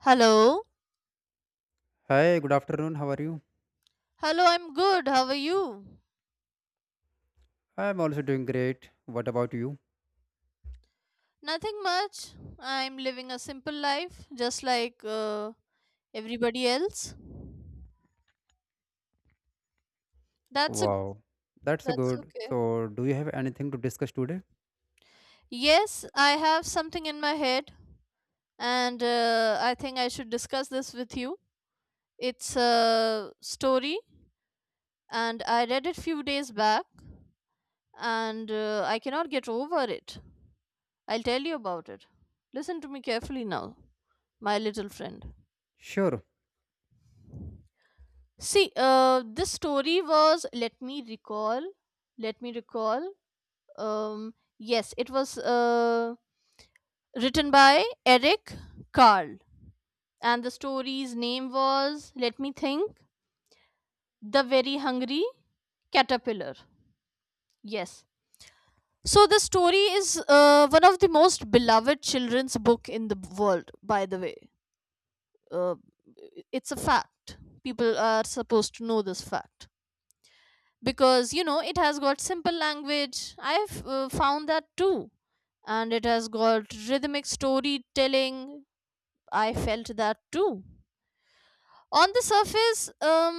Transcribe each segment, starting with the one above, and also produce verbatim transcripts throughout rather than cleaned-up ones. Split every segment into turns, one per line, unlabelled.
Hello?
Hi, good afternoon. How are you?
Hello, I'm good. How are you?
I'm also doing great. What about you?
Nothing much. I'm living a simple life just like uh, everybody else. That's a
Wow, that's
that's
good.
okay.
So, do you have anything to discuss today?
Yes, I have something in my head and uh, I think I should discuss this with you. It's a story and I read it few days back and uh, I cannot get over it. I'll tell you about it. Listen to me carefully now, my little friend.
Sure.
See, uh, this story was, let me recall, let me recall. Um, yes, it was uh, written by Eric Carle, and the story's name was, let me think, The Very Hungry Caterpillar. Yes. So the story is uh, one of the most beloved children's book in the world, by the way. Uh, it's a fact. People are supposed to know this fact, because you know it has got simple language. I've uh, found that too, and it has got rhythmic storytelling. I felt that too. On the surface, um,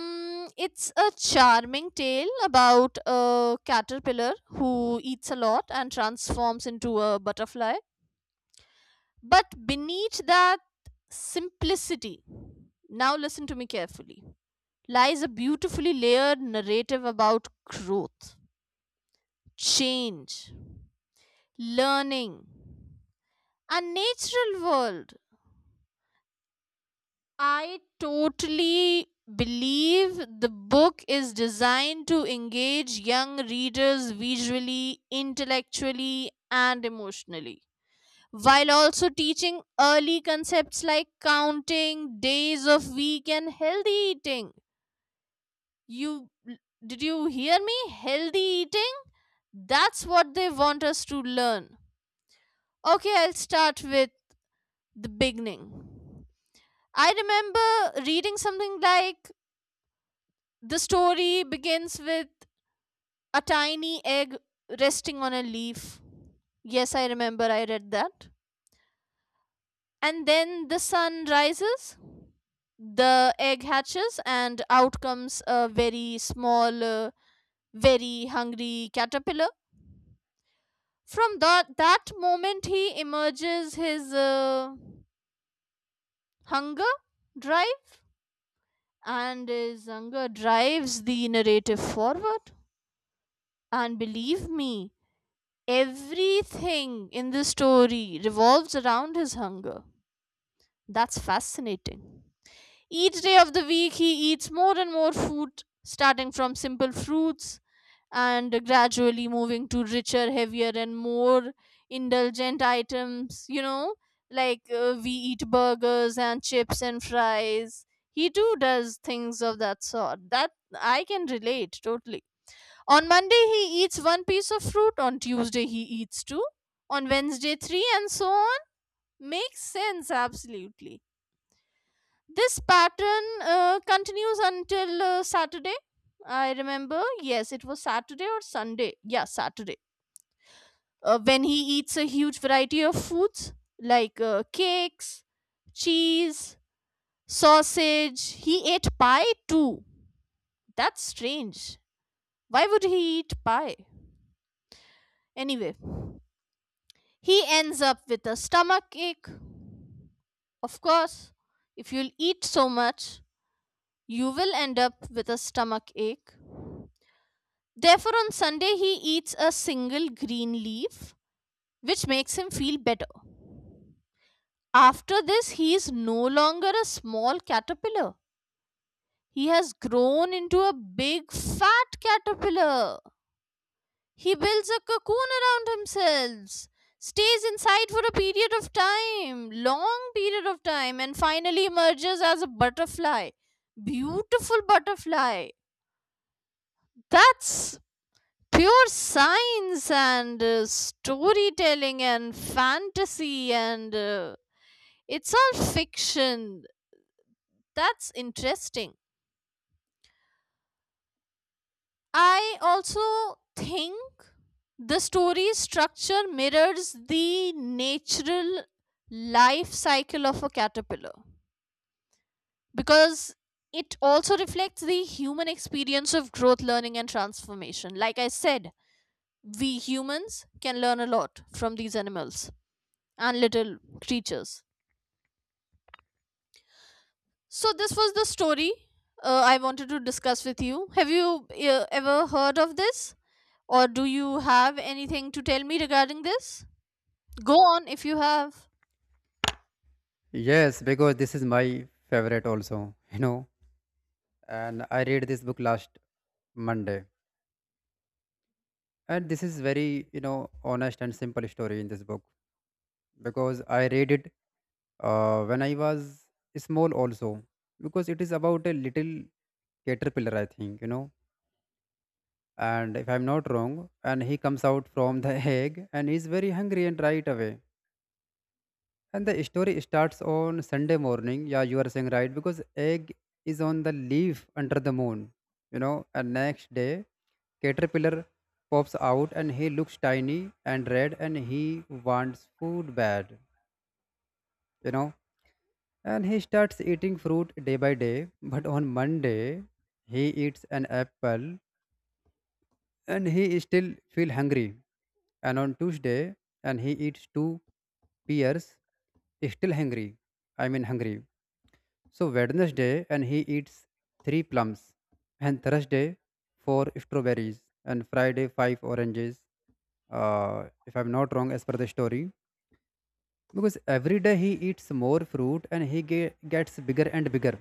it's a charming tale about a caterpillar who eats a lot and transforms into a butterfly, but beneath that simplicity, now listen to me carefully, lies a beautifully layered narrative about growth, change, learning, a natural world. I totally believe the book is designed to engage young readers visually, intellectually, and emotionally, while also teaching early concepts like counting, days of week, and healthy eating. You did you hear me? Healthy eating? That's what they want us to learn. Okay, I'll start with the beginning. I remember reading something like the story begins with a tiny egg resting on a leaf. Yes, I remember I read that. And then the sun rises, the egg hatches, and out comes a very small, uh, very hungry caterpillar. From that, that moment, he emerges his uh, hunger drive, and his hunger drives the narrative forward. And believe me, everything in the story revolves around his hunger. That's fascinating. Each day of the week, he eats more and more food, starting from simple fruits and gradually moving to richer, heavier, and more indulgent items. You know, like uh, we eat burgers and chips and fries. He too does things of that sort. That I can relate totally. On Monday, he eats one piece of fruit. On Tuesday, he eats two. On Wednesday, three, and so on. Makes sense, absolutely. This pattern uh, continues until uh, Saturday. I remember, yes, it was Saturday or Sunday. Yeah, Saturday. Uh, when he eats a huge variety of foods like uh, cakes, cheese, sausage. He ate pie too. That's strange. Why would he eat pie? Anyway. He ends up with a stomach ache. Of course, if you'll eat so much, you will end up with a stomach ache. Therefore, on Sunday, he eats a single green leaf, which makes him feel better. After this, he is no longer a small caterpillar. He has grown into a big fat caterpillar. He builds a cocoon around himself, stays inside for a period of time, long period of time, and finally emerges as a butterfly. Beautiful butterfly. That's pure science and uh, storytelling and fantasy, and uh, it's all fiction. That's interesting. I also think the story structure mirrors the natural life cycle of a caterpillar because it also reflects the human experience of growth, learning, and transformation. Like I said, we humans can learn a lot from these animals and little creatures. So, this was the story uh, I wanted to discuss with you. Have you uh, ever heard of this? Or do you have anything to tell me regarding this? Go on if you have.
Yes, because this is my favorite also, you know. And I read this book last Monday. And this is very, you know, honest and simple story in this book because I read it uh, when I was small also because it is about a little caterpillar, I think, you know, and if I'm not wrong, and he comes out from the egg and he's very hungry and right away, and the story starts on Sunday morning. Yeah, you are saying right, because egg is on the leaf under the moon, you know. And next day caterpillar pops out and he looks tiny and red and he wants food bad, you know. And he starts eating fruit day by day, but on Monday he eats an apple and he still feel hungry. And on Tuesday, and he eats two pears, still hungry, i mean hungry. So Wednesday, and he eats three plums, and Thursday four strawberries, and Friday five oranges, uh, if I'm not wrong as per the story, because every day he eats more fruit and he ge- gets bigger and bigger,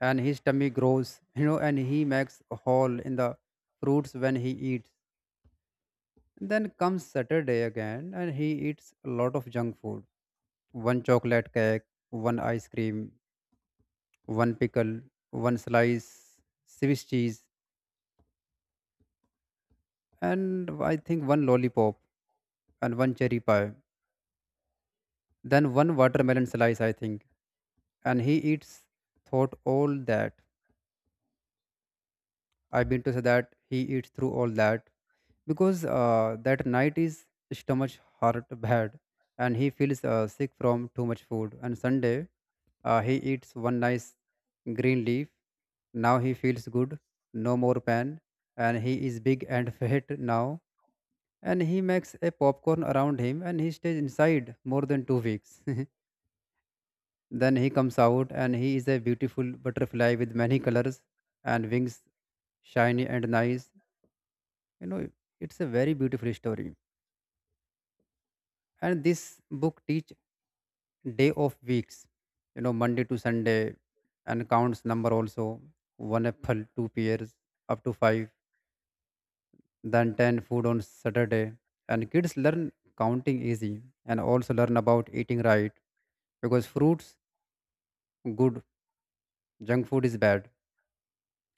and his tummy grows, you know, and he makes a hole in the fruits when he eats. Then comes Saturday again, and he eats a lot of junk food, one chocolate cake, one ice cream, one pickle, one slice, Swiss cheese, and I think one lollipop and one cherry pie, then one watermelon slice, I think. And he eats, thought all that. I mean to say that he eats through all that, because uh, that night his stomach hurt bad and he feels uh, sick from too much food. And Sunday, uh, he eats one nice green leaf. Now he feels good, no more pain, and he is big and fat now. And he makes a popcorn around him and he stays inside more than two weeks. Then he comes out and he is a beautiful butterfly with many colors and wings shiny and nice, you know. It's a very beautiful story, and this book teach day of weeks, you know, Monday to Sunday, and counts number also, one apple, two pears, up to five, then ten food on Saturday. And kids learn counting easy and also learn about eating right, because fruits good, junk food is bad,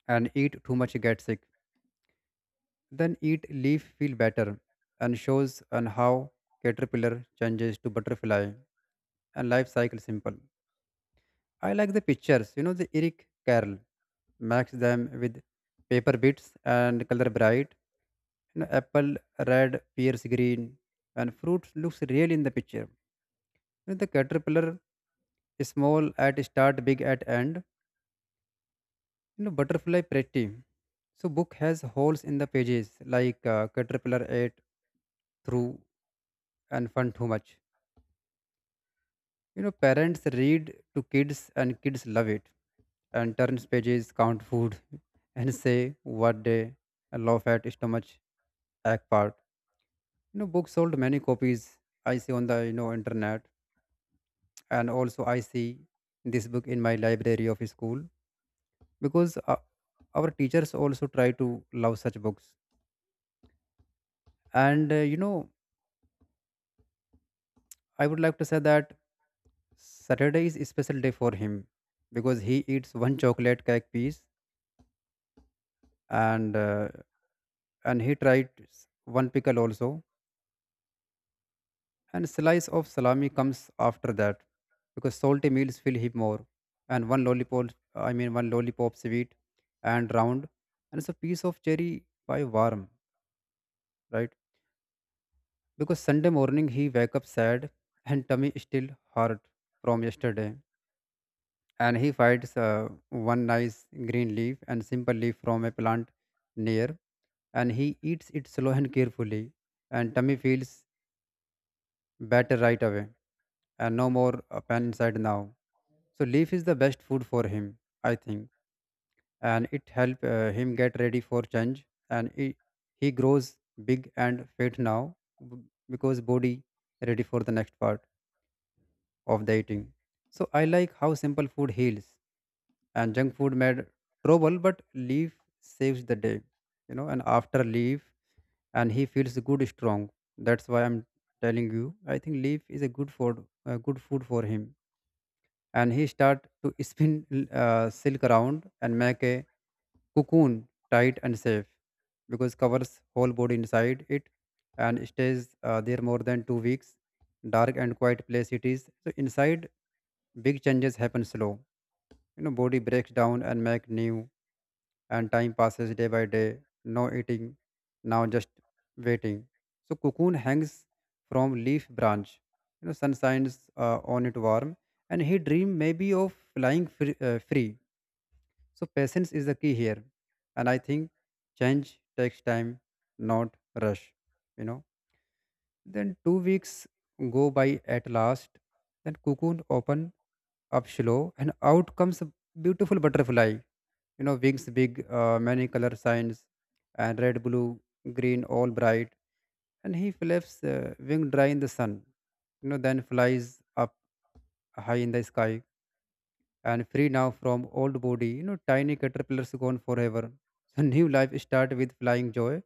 and eat too much get sick, then eat leaf feel better. And shows on how caterpillar changes to butterfly and life cycle simple. I like the pictures. You know, the Eric Carle makes them with paper bits and color bright. You know, apple red, pears green, and fruit looks real in the picture. You know, the caterpillar is small at start, big at end. You know, butterfly pretty. So book has holes in the pages like uh, caterpillar ate through and fun too much. You know, parents read to kids and kids love it and turns pages, count food, and say what they laugh at stomach ache part. You know, books sold many copies I see on the, you know, internet, and also I see this book in my library of school because uh, our teachers also try to love such books. And, uh, you know, I would like to say that Saturday is a special day for him because he eats one chocolate cake piece, and uh, and he tried one pickle also, and slice of salami comes after that because salty meals fill him more, and one lollipop, i mean one lollipop sweet and round, and it's a piece of cherry pie warm, right? Because Sunday morning he wake up sad and tummy still hurt from yesterday. And he finds uh, one nice green leaf and simple leaf from a plant near, and he eats it slow and carefully, and tummy feels better right away, and no more uh, pan inside now. So leaf is the best food for him, I think, and it help uh, him get ready for change. And he, he grows big and fit now b- because body ready for the next part of the eating. So I like how simple food heals, and junk food made trouble, but leaf saves the day, you know. And after leaf, and he feels good, strong. That's why I'm telling you. I think leaf is a good food, a good food for him, and he start to spin uh, silk around and make a cocoon tight and safe because covers whole body inside it, and stays uh, there more than two weeks, dark and quiet place it is. So inside big changes happen slow, you know, body breaks down and make new, and time passes day by day. No eating, now just waiting. So cocoon hangs from leaf branch. You know, sun shines uh, on it warm, and he dream maybe of flying free, uh, free. So patience is the key here, and I think change takes time, not rush, you know. Then two weeks go by at last. Then cocoon open up slow, and out comes a beautiful butterfly. You know, wings big, uh, many color signs, and red, blue, green, all bright. And he flaps uh, wing dry in the sun. You know, then flies up high in the sky and free now from old body. You know, tiny caterpillars gone forever. So new life start with flying joy.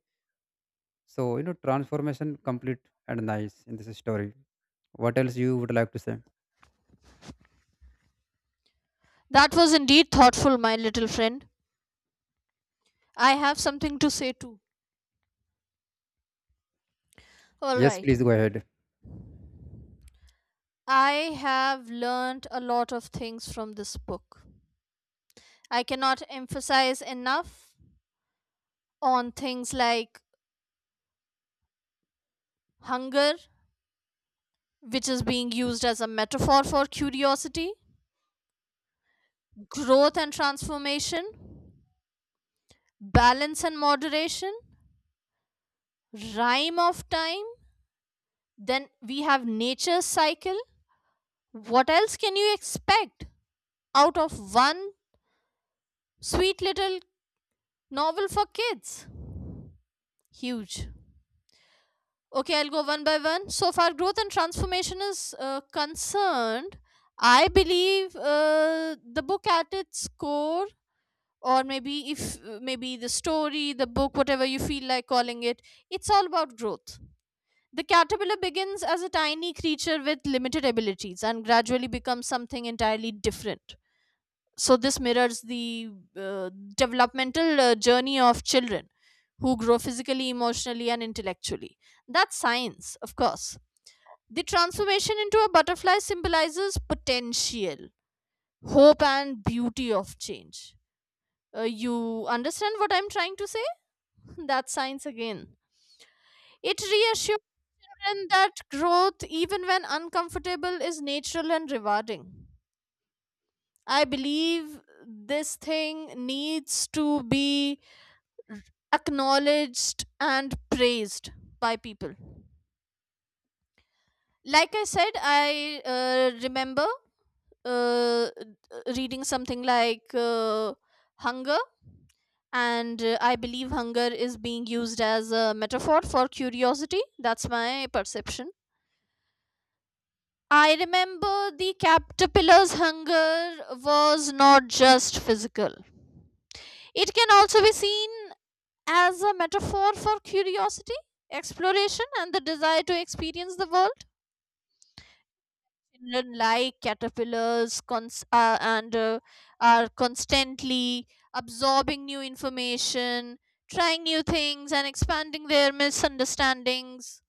So, you know, transformation complete and nice in this story. What else you would like to say?
That was indeed thoughtful, my little friend. I have something to say too. All
Yes,
right.
please go ahead.
I have learned a lot of things from this book. I cannot emphasize enough on things like hunger, which is being used as a metaphor for curiosity, growth and transformation, balance and moderation, rhyme of time. Then we have nature's cycle. What else can you expect out of one sweet little novel for kids? Huge. Okay, I'll go one by one. So far, growth and transformation is uh, concerned. I believe uh, the book at its core, or maybe if uh, maybe the story, the book, whatever you feel like calling it, it's all about growth. The caterpillar begins as a tiny creature with limited abilities and gradually becomes something entirely different. So this mirrors the uh, developmental uh, journey of children who grow physically, emotionally, and intellectually. That's science, of course. The transformation into a butterfly symbolizes potential, hope, and beauty of change. Uh, you understand what I'm trying to say? That's science again. It reassures children that growth, even when uncomfortable, is natural and rewarding. I believe this thing needs to be r- acknowledged and praised by people. Like I said, I uh, remember uh, reading something like uh, hunger, and uh, I believe hunger is being used as a metaphor for curiosity. That's my perception. I remember the caterpillar's hunger was not just physical. It can also be seen as a metaphor for curiosity, exploration, and the desire to experience the world. Children like caterpillars cons- uh, and uh, are constantly absorbing new information, trying new things, and expanding their misunderstandings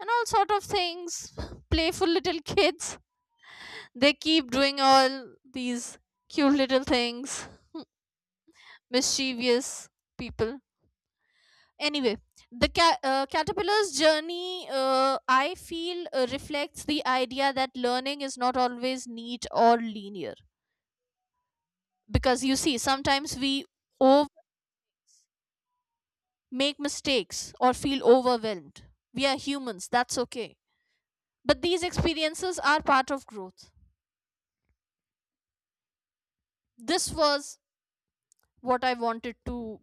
and all sort of things. Playful little kids, they keep doing all these cute little things. Mischievous people. Anyway, the ca- uh, caterpillar's journey, uh, I feel, uh, reflects the idea that learning is not always neat or linear. Because you see, sometimes we over- make mistakes or feel overwhelmed. We are humans, that's okay. But these experiences are part of growth. This was what I wanted to,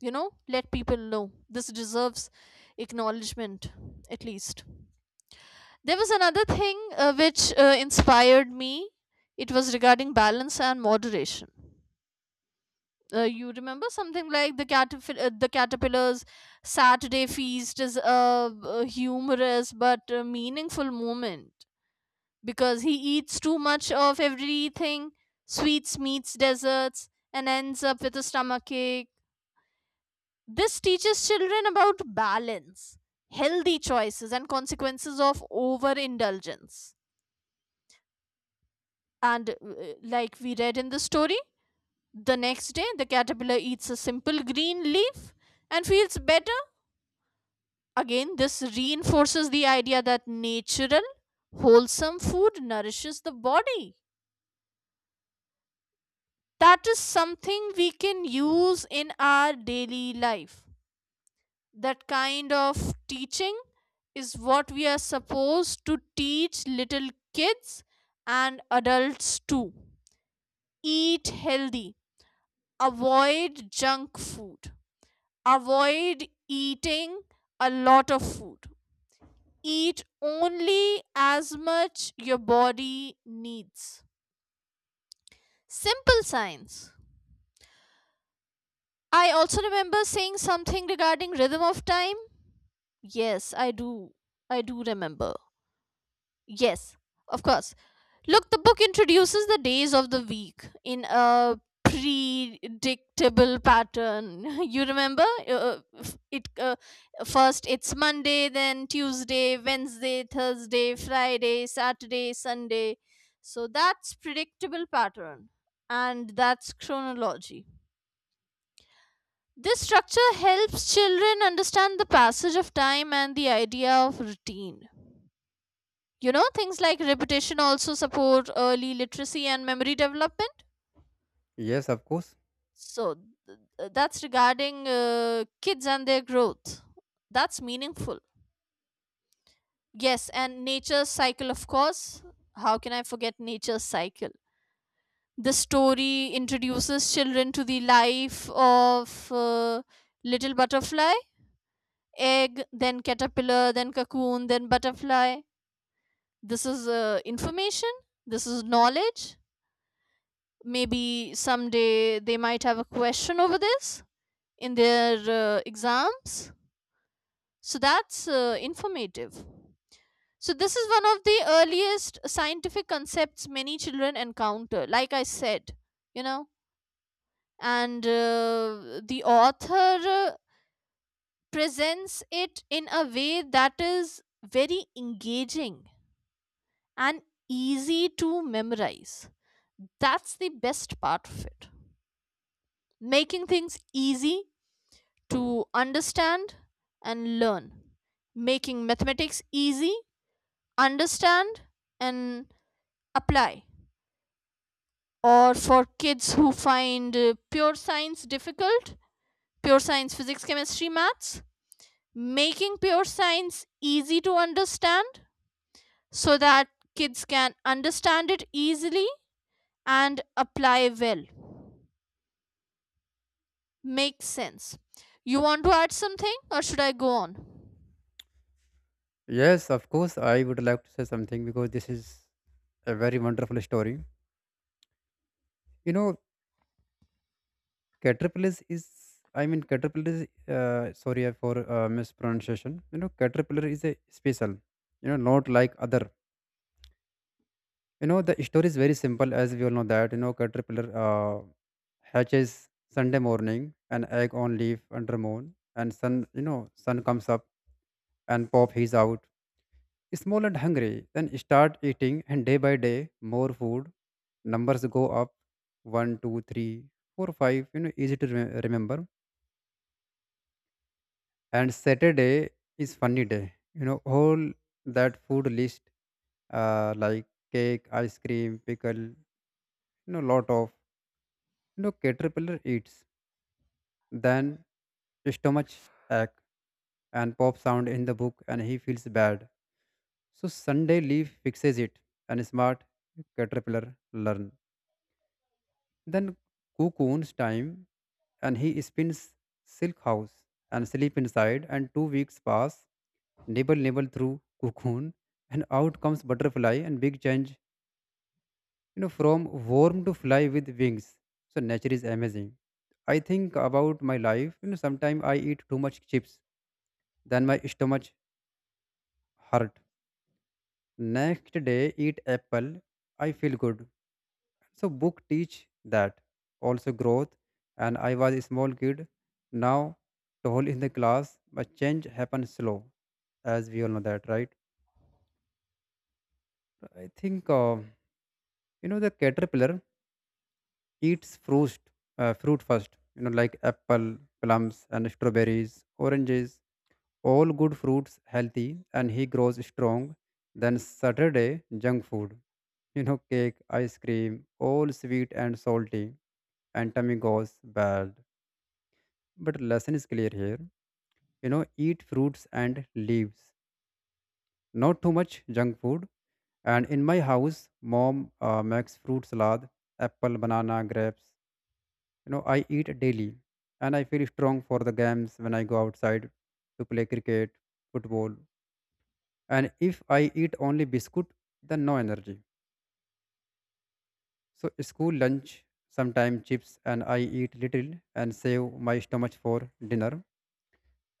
you know, let people know. This deserves acknowledgement, at least. There was another thing uh, which uh, inspired me. It was regarding balance and moderation. Uh, you remember something like the caterp- uh, the caterpillar's Saturday feast is a, a humorous but uh meaningful moment because he eats too much of everything, sweets, meats, desserts, and ends up with a stomachache. This teaches children about balance, healthy choices, and consequences of overindulgence. And uh, like we read in the story, the next day the caterpillar eats a simple green leaf and feels better. Again, this reinforces the idea that natural, wholesome food nourishes the body. That is something we can use in our daily life. That kind of teaching is what we are supposed to teach little kids and adults too. Eat healthy, avoid junk food. Avoid eating a lot of food. Eat only as much your body needs. Simple science. I also remember saying something regarding rhythm of time. Yes, I do. I do remember. Yes, of course. Look, the book introduces the days of the week in a predictable pattern. You remember? Uh, uh, f- it uh, first it's Monday, then Tuesday, Wednesday, Thursday, Friday, Saturday, Sunday. So that's predictable pattern, and that's chronology. This structure helps children understand the passage of time and the idea of routine. You know, things like repetition also support early literacy and memory development.
Yes, of course.
So th- th- that's regarding uh, kids and their growth. That's meaningful. Yes, and nature's cycle, of course. How can I forget nature's cycle? The story introduces children to the life of uh, little butterfly, egg, then caterpillar, then cocoon, then butterfly. This is uh, information, this is knowledge. Maybe someday they might have a question over this in their uh, exams. So that's uh, informative. So this is one of the earliest scientific concepts many children encounter, like I said, you know, and uh, the author uh, presents it in a way that is very engaging and easy to memorize. That's the best part of it. Making things easy to understand and learn. Making mathematics easy, understand and apply, or for kids who find uh, pure science difficult. Pure science, physics, chemistry, maths, making pure science easy to understand so that kids can understand it easily and apply well. Makes sense. You want to add something or should I go on?
Yes, of course, I would like to say something because this is a very wonderful story. You know, caterpillars is, I mean, caterpillar, uh, sorry uh, for uh, mispronunciation. You know, caterpillar is a special, you know, not like other. You know, the story is very simple, as we all know that, you know, caterpillar uh, hatches Sunday morning, an egg on leaf under moon, and sun, you know, sun comes up and pop he's out. Small and hungry, then start eating, and day by day, more food. Numbers go up, one, two, three, four, five. You know, easy to rem- remember. And Saturday is funny day. You know, all that food list, uh, like cake, ice cream, pickle, you know, lot of, you know, caterpillar eats. Then stomach ache and pop sound in the book, and he feels bad. So Sunday leaf fixes it, and smart caterpillar learn. Then cook owns time, and he spins silk house and sleep inside, and two weeks pass, nibble nibble through cocoon, and out comes butterfly, and big change, you know, from worm to fly with wings. So nature is amazing. I think about my life, you know, sometimes I eat too much chips, then my stomach hurt, next day eat apple, I feel good. So book teach that also growth. And I was a small kid, now tall in the class, but change happens slow, as we all know that, right? I think, uh, you know, the caterpillar eats fruit, uh, fruit first. You know, like apple, plums, and strawberries, oranges, all good fruits, healthy, and he grows strong. Then Saturday junk food, you know, cake, ice cream, all sweet and salty, and tummy goes bad. But lesson is clear here. You know, eat fruits and leaves, not too much junk food. And in my house, mom uh, makes fruit salad, apple, banana, grapes. You know, I eat daily, and I feel strong for the games when I go outside to play cricket, football. And if I eat only biscuit, then no energy. So school lunch, sometimes chips, and I eat little and save my stomach for dinner.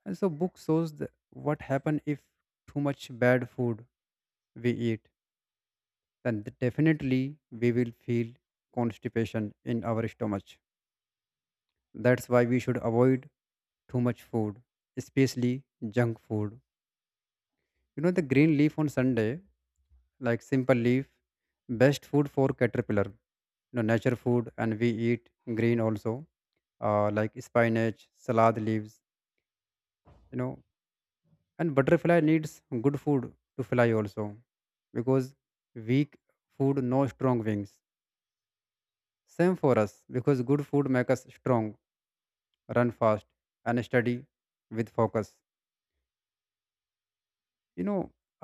And so book shows the, what happen if too much bad food we eat. Then definitely we will feel constipation in our stomach. That's why we should avoid too much food, especially junk food. You know the green leaf on Sunday, like simple leaf, best food for caterpillar. You know, nature food, and we eat green also, uh, like spinach, salad leaves, you know. And butterfly needs good food to fly also, because weak food no strong wings, same for us, because good food make us strong, run fast, and study with focus, you know.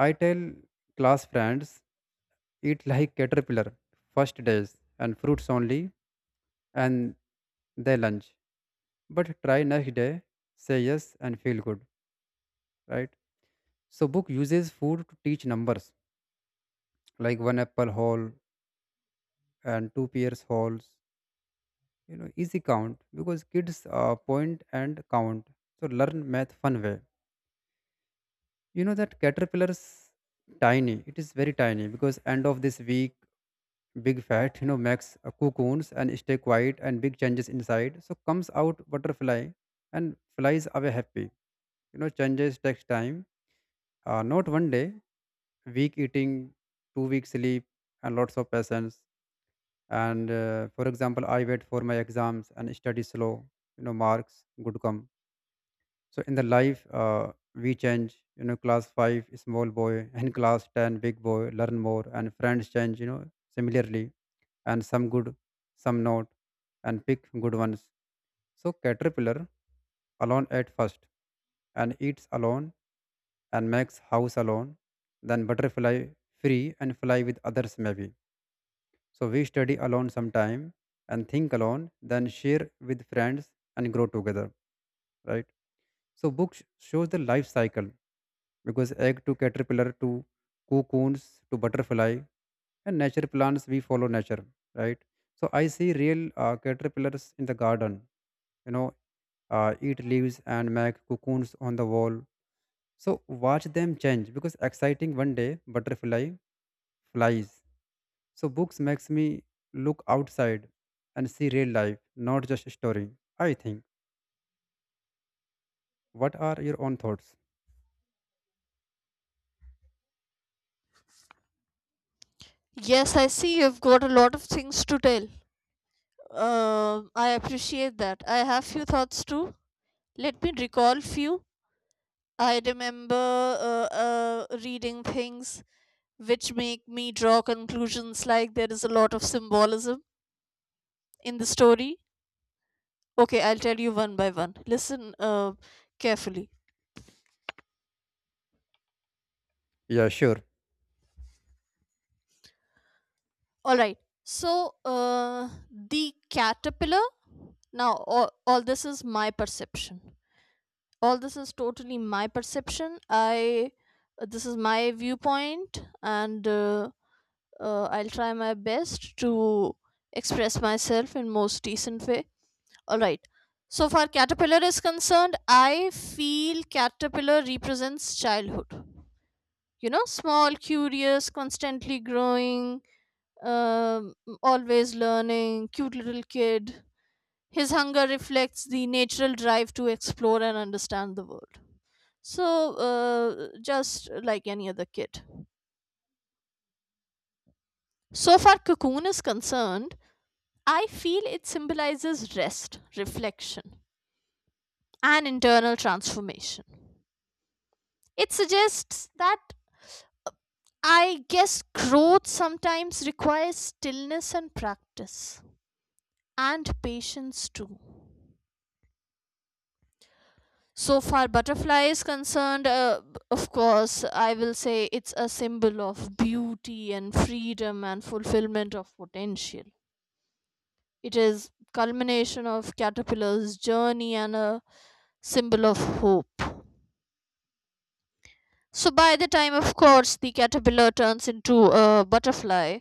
I tell class friends, eat like caterpillar first days, and fruits only, and they lunch, but try next day, say yes and feel good, right? So book uses food to teach numbers, like one apple whole and two pears wholes. You know, easy count, because kids uh, point and count, so learn math fun way. You know that caterpillars tiny, it is very tiny, because end of this week big fat, you know, makes uh, cocoons and stay quiet, and big changes inside, so comes out butterfly and flies away happy. You know, changes takes time, uh, not one day, week eating, two weeks sleep, and lots of patience. And uh, for example, I wait for my exams and study slow. You know, marks good come. So in the life, uh, we change. You know, class five small boy and class ten big boy learn more, and friends change, you know. Similarly, and some good, some not, and pick good ones. So caterpillar alone at first, and eats alone, and makes house alone. Then butterfly free and fly with others maybe. So we study alone sometime and think alone, then share with friends and grow together, right? So books shows the life cycle because egg to caterpillar to cocoons to butterfly and nature plants, we follow nature, right? So I see real uh, caterpillars in the garden, you know, uh, eat leaves and make cocoons on the wall. So watch them change, because exciting, one day butterfly flies. So books makes me look outside and see real life, not just a story, I think. What are your own thoughts?
Yes, I see you've got a lot of things to tell. Um, I appreciate that. I have few thoughts too. Let me recall few. I remember uh, uh, reading things which make me draw conclusions like there is a lot of symbolism in the story. Okay, I'll tell you one by one. Listen uh, carefully.
Yeah, sure.
All right. So, uh, the caterpillar. Now, all, all this is my perception. All this is totally my perception. I. This is my viewpoint, and uh, uh, I'll try my best to express myself in most decent way. All right. So far, caterpillar is concerned, I feel caterpillar represents childhood. You know, small, curious, constantly growing, um, always learning, cute little kid. His hunger reflects the natural drive to explore and understand the world. So, uh, just like any other kid. So far, cocoon is concerned, I feel it symbolizes rest, reflection, and internal transformation. It suggests that I guess growth sometimes requires stillness and practice, and patience too. So far, butterfly is concerned, uh, b- of course, I will say it's a symbol of beauty and freedom and fulfillment of potential. It is culmination of caterpillar's journey and a symbol of hope. So by the time, of course, the caterpillar turns into a butterfly,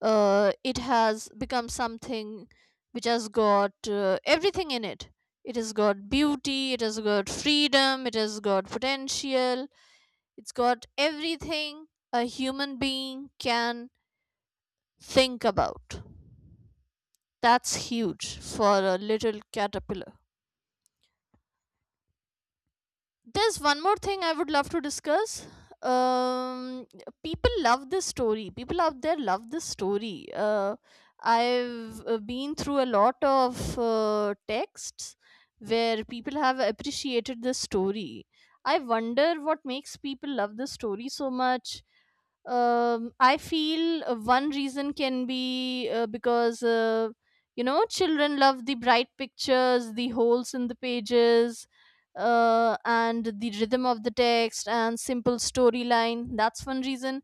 uh, it has become something which has got uh, everything in it. It has got beauty, it has got freedom, it has got potential, it's got everything a human being can think about. That's huge for a little caterpillar. There's one more thing I would love to discuss. Um, People love this story. People out there love this story. Uh, I've uh, been through a lot of uh, texts where people have appreciated this story. I wonder what makes people love this story so much. um, I feel uh, one reason can be uh, because uh, you know children love the bright pictures, the holes in the pages, uh, and the rhythm of the text and simple storyline. That's one reason.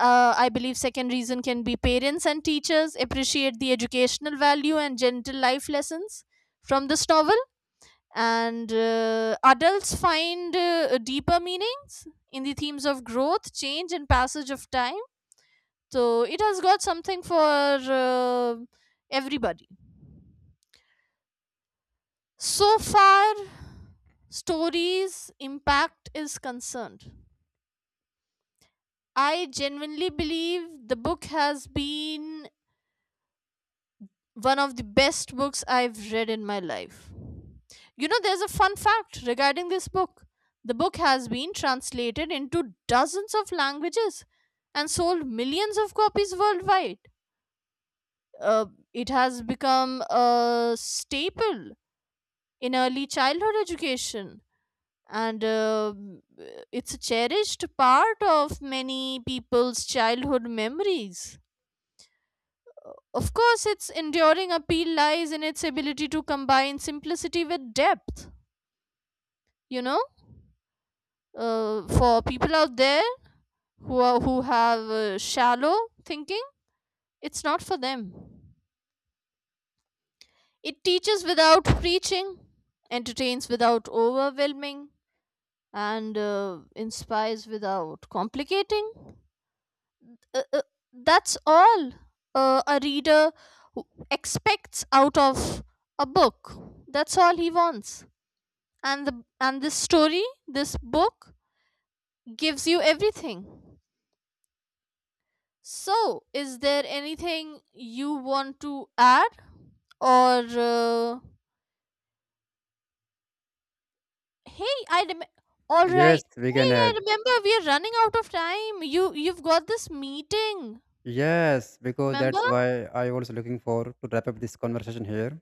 Uh, I believe second reason can be parents and teachers appreciate the educational value and gentle life lessons from this novel. And uh, adults find uh, deeper meanings in the themes of growth, change, and passage of time. So it has got something for uh, everybody. So far stories impact is concerned, I genuinely believe the book has been one of the best books I've read in my life. You know, there's a fun fact regarding this book. The book has been translated into dozens of languages and sold millions of copies worldwide. Uh, it has become a staple in early childhood education, and uh, it's a cherished part of many people's childhood memories. Of course, its enduring appeal lies in its ability to combine simplicity with depth. You know, uh, for people out there who are, who have uh, shallow thinking, it's not for them. It teaches without preaching, entertains without overwhelming, and uh, inspires without complicating. Uh, uh, that's all uh, a reader w- expects out of a book. That's all he wants. and the and this story this book gives you everything. So, is there anything you want to add, or uh, hey, i rem- all
Yes,
right.
we
Hey,
can
I
add.
remember we are running out of time. You you've got this meeting.
Yes, because
Remember?
that's why I was looking for to wrap up this conversation here.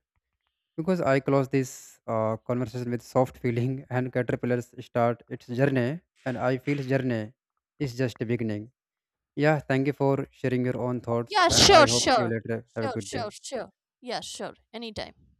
Because I close this uh, conversation with soft feeling, and caterpillars start its journey, and I feel its journey is just the beginning. Yeah, thank you for sharing your own thoughts,
Yeah,
and I
sure,
hope see you
sure.
later. Have a
Sure,
good day.
sure, sure. Yeah, sure, anytime.